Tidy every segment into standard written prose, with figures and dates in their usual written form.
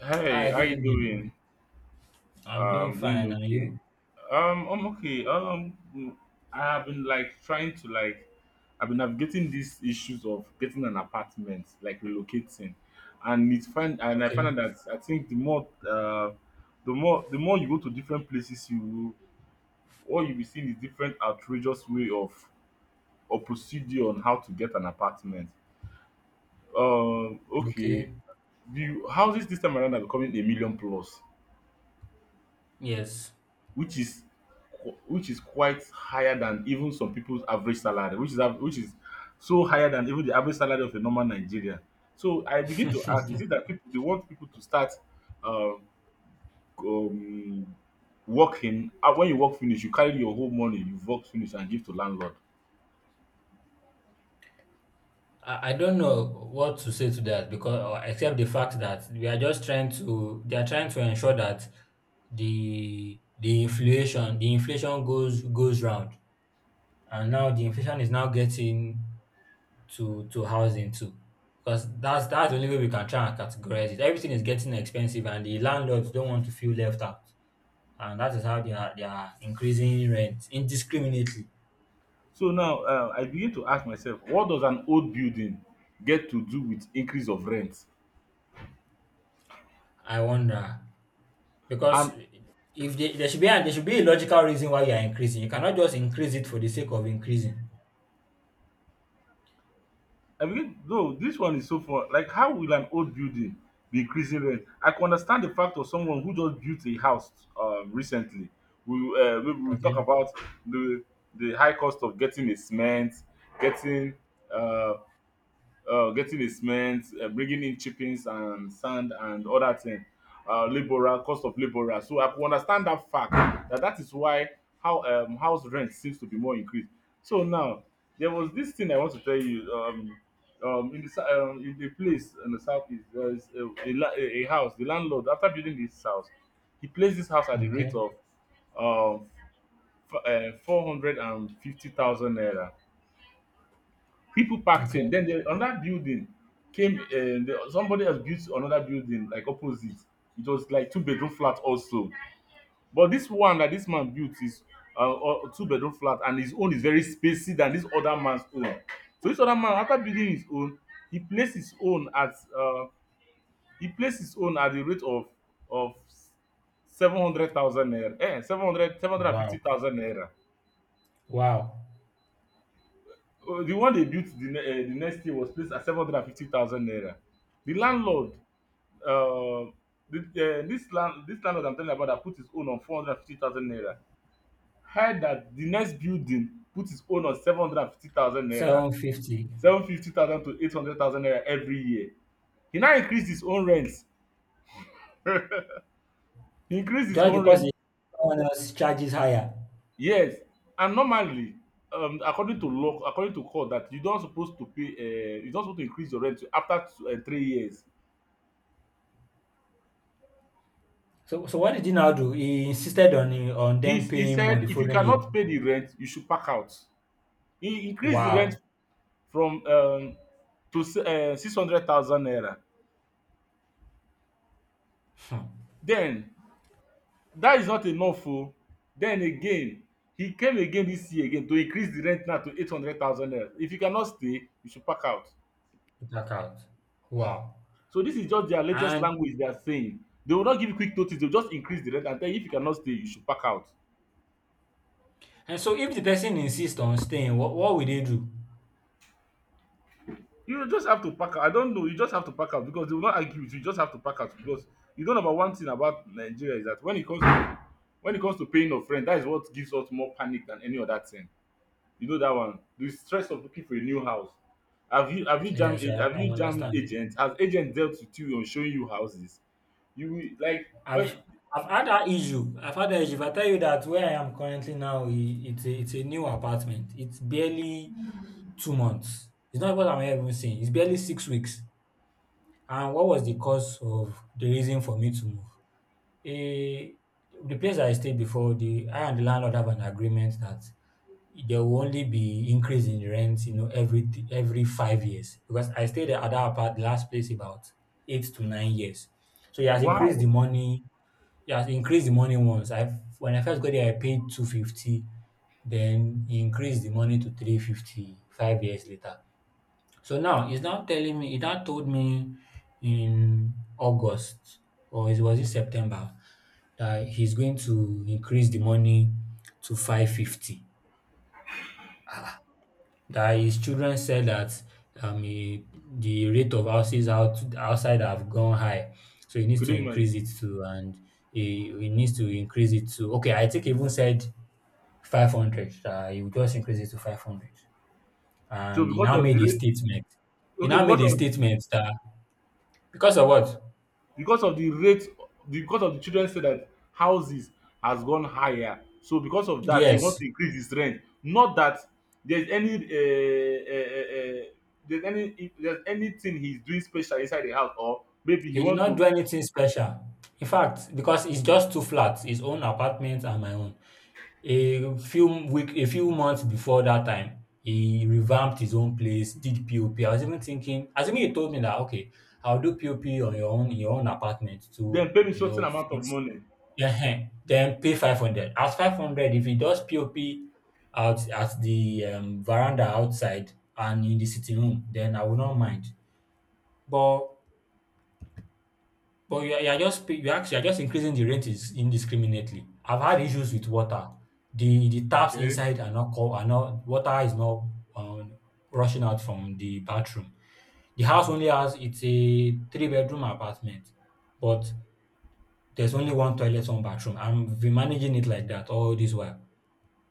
Hey, Hi, how good you evening. doing? I'm doing Doing fine, are okay. you? I'm okay. I have been trying to I've been navigating these issues of getting an apartment, like relocating, and it's find and I Okay, found out that I think the more the more you go to different places, you will all you'll be seeing is different outrageous way of or procedure on how to get an apartment. Okay, okay. the houses this time around are becoming a million plus, Yes. which is which is quite higher than even some people's average salary, which is which is so higher than even the average salary of a normal Nigerian. So I begin to ask, I, is it that people they want people to start um, um working? When you work finish you carry your whole money, you work finish and give to landlord. I don't know what to say to that because or except the fact that we are just trying to they are trying to ensure that the inflation the inflation goes round. And now the inflation is now getting to housing too, because that's the only way we can try and categorize it. Everything is getting expensive and the landlords don't want to feel left out. And that is how they are increasing rent indiscriminately. So now I begin to ask myself, what does an old building get to do with increase of rent? I wonder, because And if they, there should be a, there should be a logical reason why you are increasing. You cannot just increase it for the sake of increasing. I mean, though, this one is so far. Like, how will an old building be increasing rent? I can understand the fact of someone who just built a house recently. We maybe we'll talk Okay. about the the high cost of getting a cement, getting uh, getting a cement, bringing in chippings and sand and other thing, labourer, cost of labourer. So I could understand that fact that that is why how house rent seems to be more increased. So now there was this thing I want to tell you. In the in the place in the southeast, there is a, la- a house. The landlord, after building this house, he placed this house at the rate Okay. of um, 450,000 naira, people packed Okay. in. Then the, another building came. Somebody else built another building like opposite. It was like two-bedroom flat also. But this one that this man built is two-bedroom flat, and his own is very spacey than this other man's own. So this other man, after building his own, he placed his own at uh, he placed his own at the rate of of 700,000 naira, eh, seven hundred fifty Wow. thousand naira. Wow. The one they built the, the next year was placed at 750,000 naira. The landlord, uh, this this landlord I'm telling you about that put his own on 450,000 naira. Heard that the next building put his own on 750,000 naira, 750. 750,000 to 800,000 naira every year. He now increased his own rent. He increased his Just own because rent. Someone else charges higher. Yes, and normally, according to law, according to court, that you don't supposed to pay, you don't supposed to increase your rent after two, 3 years. So so what did he now do? He insisted on them He paying more said, the if you following year. cannot pay the rent, you should pack out. He increased the rent Wow. from 600,000 naira. Hmm. Then, that is not enough. Oh. Then again, he came again this year again to increase the rent now to 800,000 naira. If you cannot stay, you should pack out. Check out. Wow. So, this is just their latest And language they are saying. They will not give you quick notice, they will just increase the rent and tell you if you cannot stay, you should pack out. And so if the person insists on staying, what will they do? You just have to pack out. I don't know. You just have to pack out because they will not argue with you. You just have to pack out because you don't know about one thing about Nigeria is that when it comes to when it comes to paying of rent, that is what gives us more panic than any other thing. You know that one. The stress of looking for a new house. Have you have you jam Yes, I, have I you jam understand. agents? Has agent dealt with you on showing you houses? You will- like I've when I've had that issue. I've had that issue. If I tell you that where I am currently now, it's a new apartment. It's barely 2 months. It's not what I'm even saying. It's barely 6 weeks. And what was the cause of the reason for me to move? Eh, the place I stayed before, the I and the landlord have an agreement that there will only be increase in rent, you know, every 5 years, because I stayed at that apart last place about 8 to 9 years. So he has increased the wow, money. He has increased the money once. I When I first got there, I paid 250. Then he increased the money to three fifty five years later. So now he's now telling me. He now told me in August, or it was it September, that he's going to increase the money to 550. Ah, that his children said that he, the rate of houses outside have gone high, so he needs could to you imagine? increase it to and he needs to increase it to okay. I think he even said 500. He would just increase it to 500, So and he because now of the made a rate, statement. He okay, now made a statement that because of what? because of the rate, because of the children say that houses has gone higher, so because of that he want Yes, to increase his rent, not that there's any uh, uh, uh, there's any there's anything he's doing special inside the house, or maybe he he did want not to do anything special. In fact, because it's just two flats, his own apartment and my own. A few months before that time, he revamped his own place, did POP. I was even thinking, assuming he told me that, "Okay, I'll do POP on your own in your own apartment to, then pay me you certain know, amount of fix." money, Yeah, then pay 500. At 500, if he does POP out at the, veranda outside and in the sitting room, then I would not mind. But you are actually you are just increasing the rent is indiscriminately. I've had issues with water. The taps okay. inside are not water is not um, rushing out from the bathroom. The house only has it's a three-bedroom apartment, but there's only one toilet, one bathroom. I'm been managing it like that all this while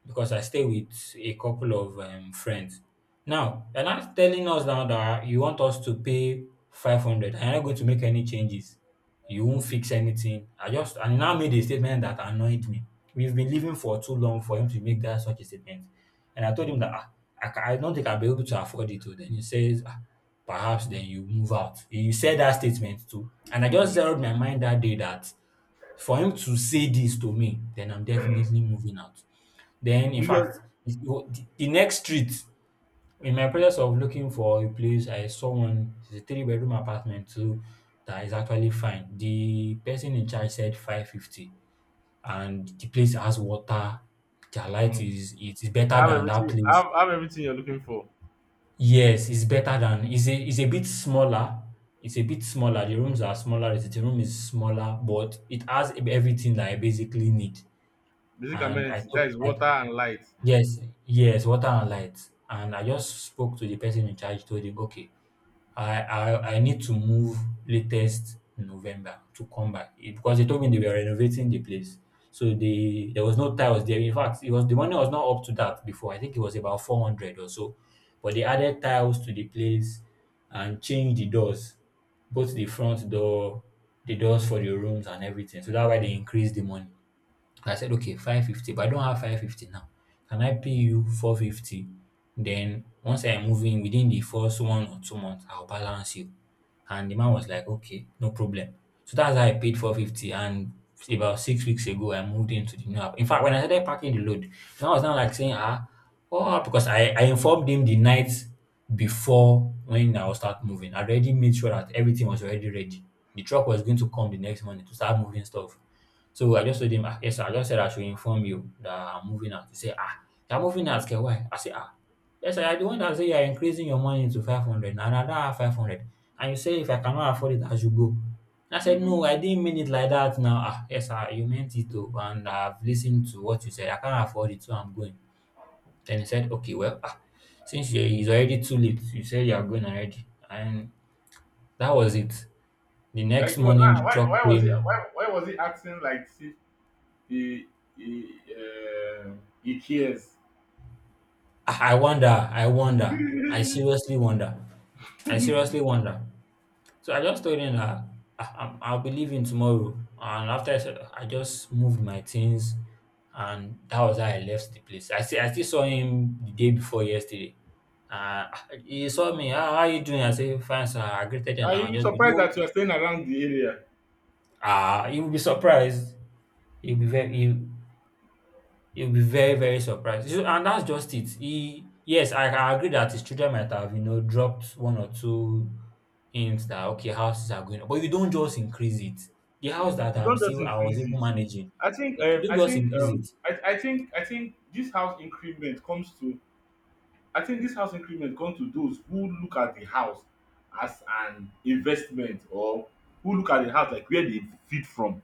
because I stay with a couple of friends. Now, you're not telling us now that you want us to pay 500 hundred. I'm not going to make any changes. You won't fix anything. And he now made a statement that annoyed me. We've been living for too long for him to make that such a statement. And I told him that, ah, I don't think I'll be able to afford it. Oh. Then he says, "Ah, perhaps then you move out." He said that statement too. And I just mm, zeroed my mind that day that for him to say this to me, then I'm definitely moving out. Then, in you just fact, if you- the next street, in my process of looking for a place, I saw one. It's a three-bedroom apartment too that is actually fine. The person in charge said 550, and the place has water. Their light mhm. is it is better Have than that everything, place. Have everything you're looking for, Yes, it's better than it's a bit smaller. It's a bit smaller. The rooms are smaller. The room is smaller, but it has everything that I basically need. basic And I amenities, took that is I, water and light. Yes, yes, water and light. And I just spoke to the person in charge, told him, okay, I need to move latest November to come back. Eh, because they told me they were renovating the place. So they there was no tiles there. In fact, it was the money was not up to that before. I think it was about 400 or so. But they added tiles to the place and changed the doors, both the front door, the doors for the rooms and everything. So that's why they increased the money. I said, okay, 550, but I don't have 550 now. Can I pay you 450? Then once I move in within the first 1 or 2 months, I'll balance you. And the man was like, okay, no problem. So that's how I paid 450. And about 6 weeks ago, I moved into the new app. In fact, when I started packing the load, I was not like saying, "Ah, oh, ah," because I informed him the night before when I will start moving. I already made sure that everything was already ready. The truck was going to come the next morning to start moving stuff. So I just told him, ah, yes, sir, I just said I should inform you that I'm moving out. He said, ah, you're moving out, okay, why? I said, ah, yes, sir, you the one that say you're increasing your money to 500 and I don't have 500. And you say, if I cannot afford it, I should go. And I said, Hmm. no, I didn't mean it like that now. Ah, yes, sir, you meant it too. And I've listened to what you said. I can't afford it, so I'm going. Then he said, okay, well, ah, it's already too late, you said you're going already. And that was it. The next Like he was morning, now the truck why was he came. Why was he acting like he he uh, he cares. I wonder, I wonder, I I seriously wonder, I seriously wonder. So I just told him that, "Ah, I'll be leaving tomorrow," and after I said, I just moved my things, and that was how I left the place. I see, I still saw him the day before yesterday. Uh, he saw me. Ah, how are you doing? I said, fine, sir. I greeted him. And will I be just be surprised no. that you are staying around the area. Ah, you'll be surprised. You'll be very. You He'll be very, very surprised. You and that's just it. He, yes, I agree that his children might have, you know, dropped one or two hints that okay, houses are going up, but you don't just increase it. The house that I'm Don't just still, I was increase even it. managing, I think You I don't just think increase it. I think I think this house increment comes to I think this house increment comes to those who look at the house as an investment, or who look at the house like where they feed from.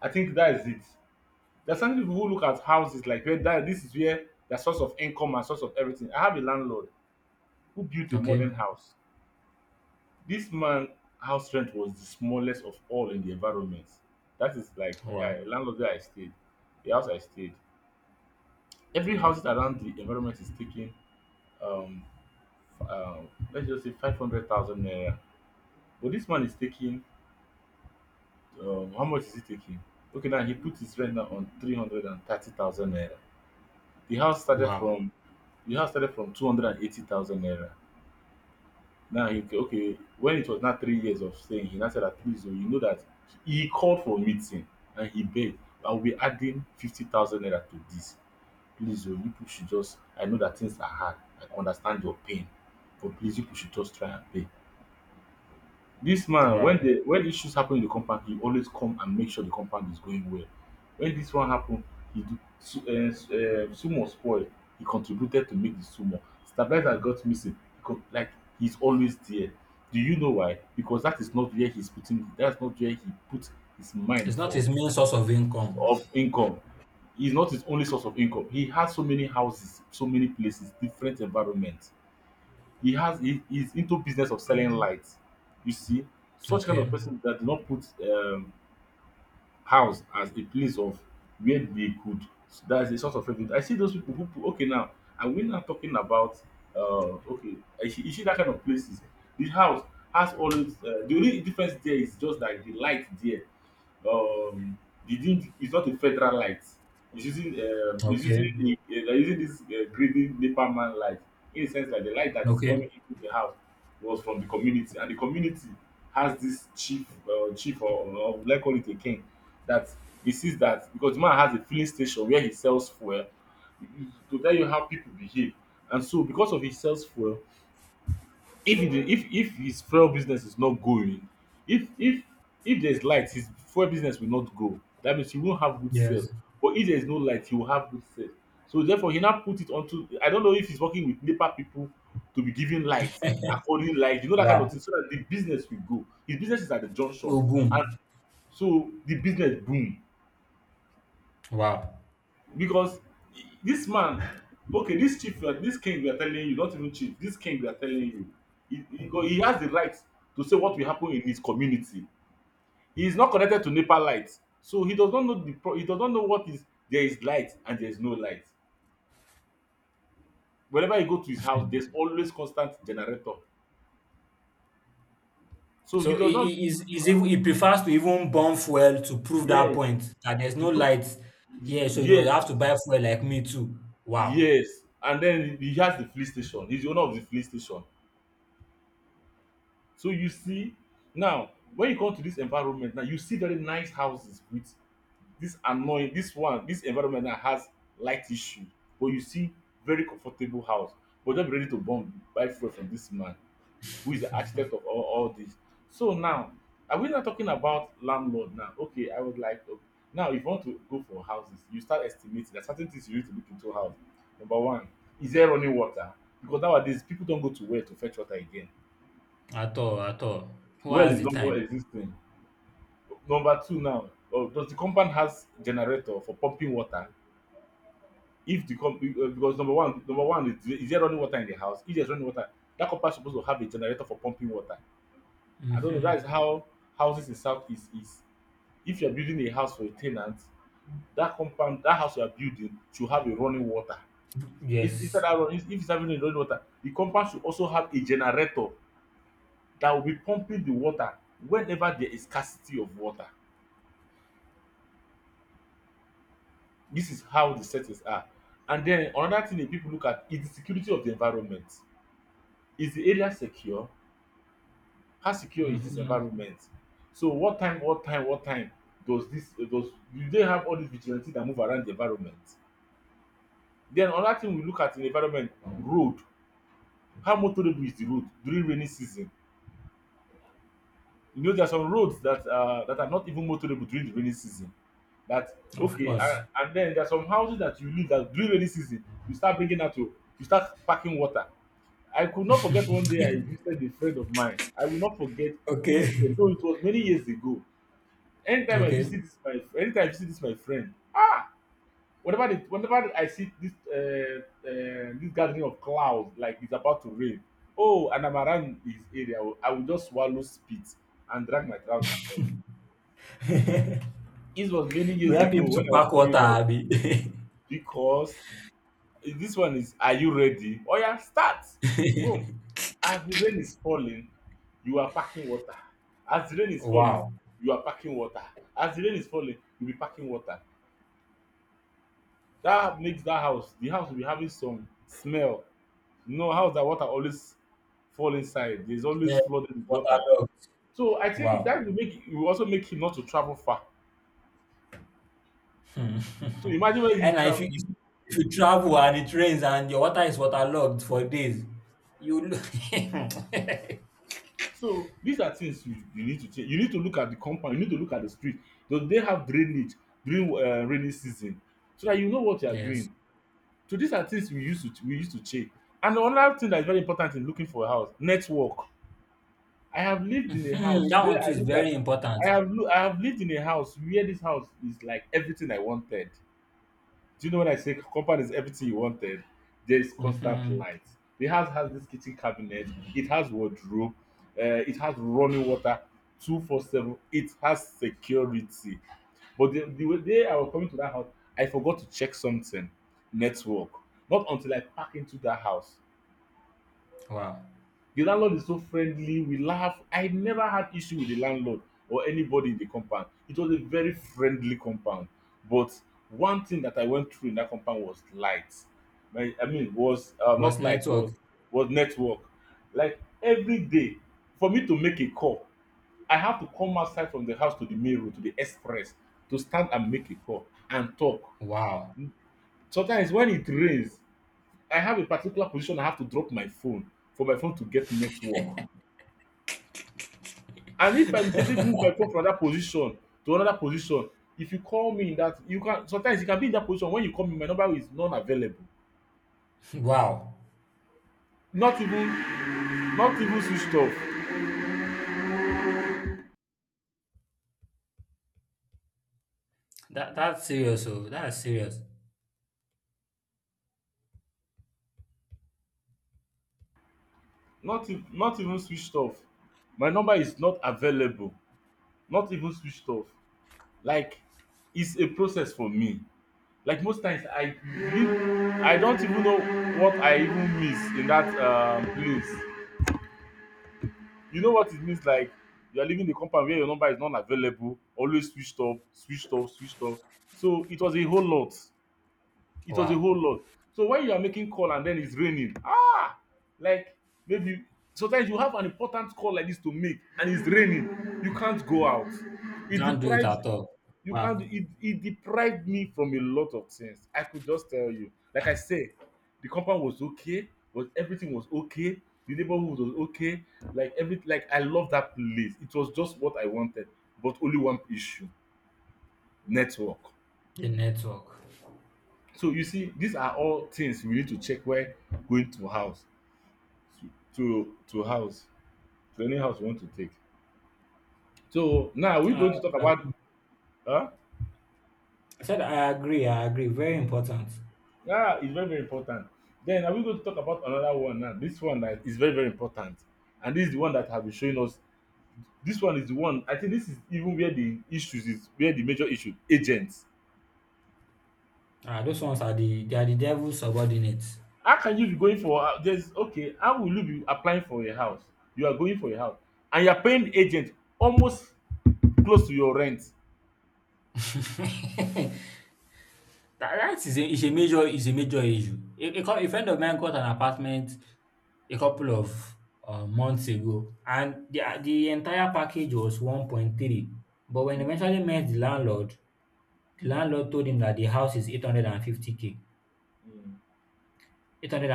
I think that is it. There are some people who look at houses like where that this is where their source of income and source of everything. I have a landlord who built a Okay. modern house. This man house rent was the smallest of all in the environment. That is like Wow. landlord where I stayed, the house I stayed. Every house around the environment is taking um, f- uh, let's just say 500,000 naira. But this man is taking how much is he taking? Okay, now he put his rent now on 330,000 naira. The house started Wow. from the house started from 280,000 naira. Now he okay, when it was not 3 years of staying, he now said that please, oh, you know that he called for a meeting, and he begged, I will be adding 50,000 naira to this. Please, oh, you people should just, I know that things are hard. I understand your pain, but please, you people should just try and pay. This man, when Wow. the when issues happen in the compound, he always come and make sure the compound is going well. When this one happen, he sumor spoil, he contributed to make the Sumo Stabilizer got missing he like he's always there. Do you know why? Because that is not where he's putting, that's not where he put his It's mind not for his main source of income. of income. He's not his only source of income. He has so many houses, so many places, different environments. He has he is into business of selling lights. You see, such kind Okay. of person that do not put house as a place of where they could. So that's a sort of revenue. I see those people who put- okay now, and we're not talking about uh okay you see that kind of places. The house has always the only difference there is just that the light there um the thing is not a federal light, it's using Okay. They're using this greedy nepa man light, in a sense like the light that is Okay. coming into the house was from the community, and the community has this chief or let's call it a king that he sees that because the man has a filling station where he sells fuel, to tell you how people behave. And so because of his sells fuel, if he if his fuel business is not going, if if if there's light, his fuel business will not go. That means he won't have good Yes. sales. But if there's no light, he will have good sales. So therefore he now put it onto, I don't know if he's working with NEPA people to be giving light, according light, you know that kind of Wow. thing, so that the business will go. His business is at the junction, Oh, and boom. so the business boom. Wow. Because this man, okay, this chief, this king we are telling you, not even chief, this king we are telling you, he has the right to say what will happen in his community. He is not connected to NEPA light, so he does not know the he does not know what is there is light and there is no light. Whenever you go to his house, there's always constant generator. So he So does not he's even he prefers to even burn fuel to prove that yes point that there's to no prove light here, so you will yes have to buy fuel like me too. Wow. yes, and then he has the police station. He's the owner of the police station. So you see, now when you come to this environment, now you see very nice houses with this annoying, this one, this environment that has light issue, but you see very comfortable house. But just be ready to bomb buy fuel from this man who is the architect of all this. So now, are we not talking about landlord now? Okay, I would like to. Now, if you want to go for houses, you start estimating. There are certain things you need to look into house. Number one, is there running water? Because nowadays people don't go to well to fetch water again. At all, at all. Who Well has is the no more time? existing. Number two now, does the compound has generator for pumping water? If the com- Because number one is there running water in the house? If there's running water, that compound is supposed to have a generator for pumping water. I don't know. Hmm. That is how houses in southeast is. If you're building a house for a tenant, that compound, that house you are building should have a running water. Instead Yes. of running, if it's having a running water, the compound should also have a generator that will be pumping the water whenever there is scarcity of water. This is how the settings are. And then another thing that people look at is the security of the environment. Is the area secure? How secure is this Hmm. environment? So what time does this does do they have all these vigilante that move around the environment? Then another thing we look at in the environment, road. How motorable is the road during rainy season? You know, there are some roads that that are not even motorable during the rainy season. That Of okay, and, course. and then there are some houses that you live that during rainy season you start bringing out to you start packing water. I could not forget one day I visited a friend of mine. I will not forget, Okay. this is a though it was many years ago. Okay. Anytime I visit this my friend, ah, whenever I see this this gathering of clouds like it's about to rain, oh, and I'm around his area, I will just swallow spit and drag my trousers off. This was many You years help him ago to when I was pack water, growing up Abi. because this one is, are you ready? Oya start. Boom. As the rain is falling, you are packing water. As the rain is falling, Wow. you are packing water. As the rain is falling, you be packing water. That makes that house, the house will be having some smell. You know, house that water always fall inside. There's Yeah. always flooded with Water water. log. So I think that Wow. will make, it will also make him not to travel far. Hmm. So imagine when he And travel. If you travel and it rains and your water is waterlogged for days, you lo So these are things you, you need to change. You need to look at the compound. You need to look at the street. Do they have drainage during rainy season, so that you know what you are Yes. doing. So these are things we used to check. And another thing that is very important in looking for a house, network. I have lived in a Mhm. house That where one too I is look very at. important. I have lived in a house where this house is like everything I wanted. Do you know when I say compound is everything you wanted? There is constant Mhm. light. The house has this kitchen cabinet. It has wardrobe. It has running water, 24/7. It has security. But the day I was coming to that house, I forgot to check something, network. Not until I pack into that house. Wow. The landlord is so friendly, we laugh. I never had issue with the landlord or anybody in the compound. It was a very friendly compound. But one thing that I went through in that compound was light. I mean, was Was not light, network. was network. Like every day, for me to make a call, I have to come outside from the house to the main road to the express to stand and make a call and talk. Wow. Sometimes when it rains, I have a particular position I have to drop my phone for my phone to get network. And if I mistakenly move my phone from that position to another position, if you call me in that, you can sometimes, you can be in that position when you call me my number is non-available. Wow. Not even, not even switched off. That that's serious oh. That's serious. Not even switched off. My number is not available. Not even switched off. Like it's a process for me. Like most times I don't even know what I even miss in that place. You know what it means, like you are leaving the compound where your number is not available, always switched off, switched off, switched off. So it was a whole lot. It was a whole Wow. lot. So when you are making call and then it's raining, ah, like maybe sometimes you have an important call like this to make and it's raining, you can't go out. You It can't do it deprives at all. You can't Wow. do it. It deprived me from a lot of things. I could just tell you. Like I said, the compound was okay, but everything was okay. The neighborhood was okay. Like I love that place. It was just what I wanted, but only one issue: network. The network. So you see, these are all things we need to check while going to house to to, house to any house we want to take. So now we're Uh, going to talk I about, huh? I said I agree. I agree. Very important. Yeah, it's very, very important. Then are we going to talk about another one now? This one that is very, very important. And this is the one that have been showing us. This one is the one I think, this is even where the issues is, where the major issue, agents. Ah, those ones are the they are the devil's subordinates. How can you be going for there's okay, how will you be applying for a house? You are going for a house and you're paying agent almost close to your rent. That that is a major issue. A friend of mine got an apartment a couple of, months ago, and the entire package was 1.3, but when he Mm, eventually met the landlord told him that the house is 850 k. mm.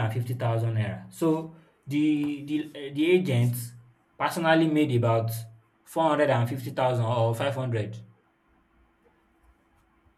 ₦850,000. So, the agent personally made about 450,000 or 500.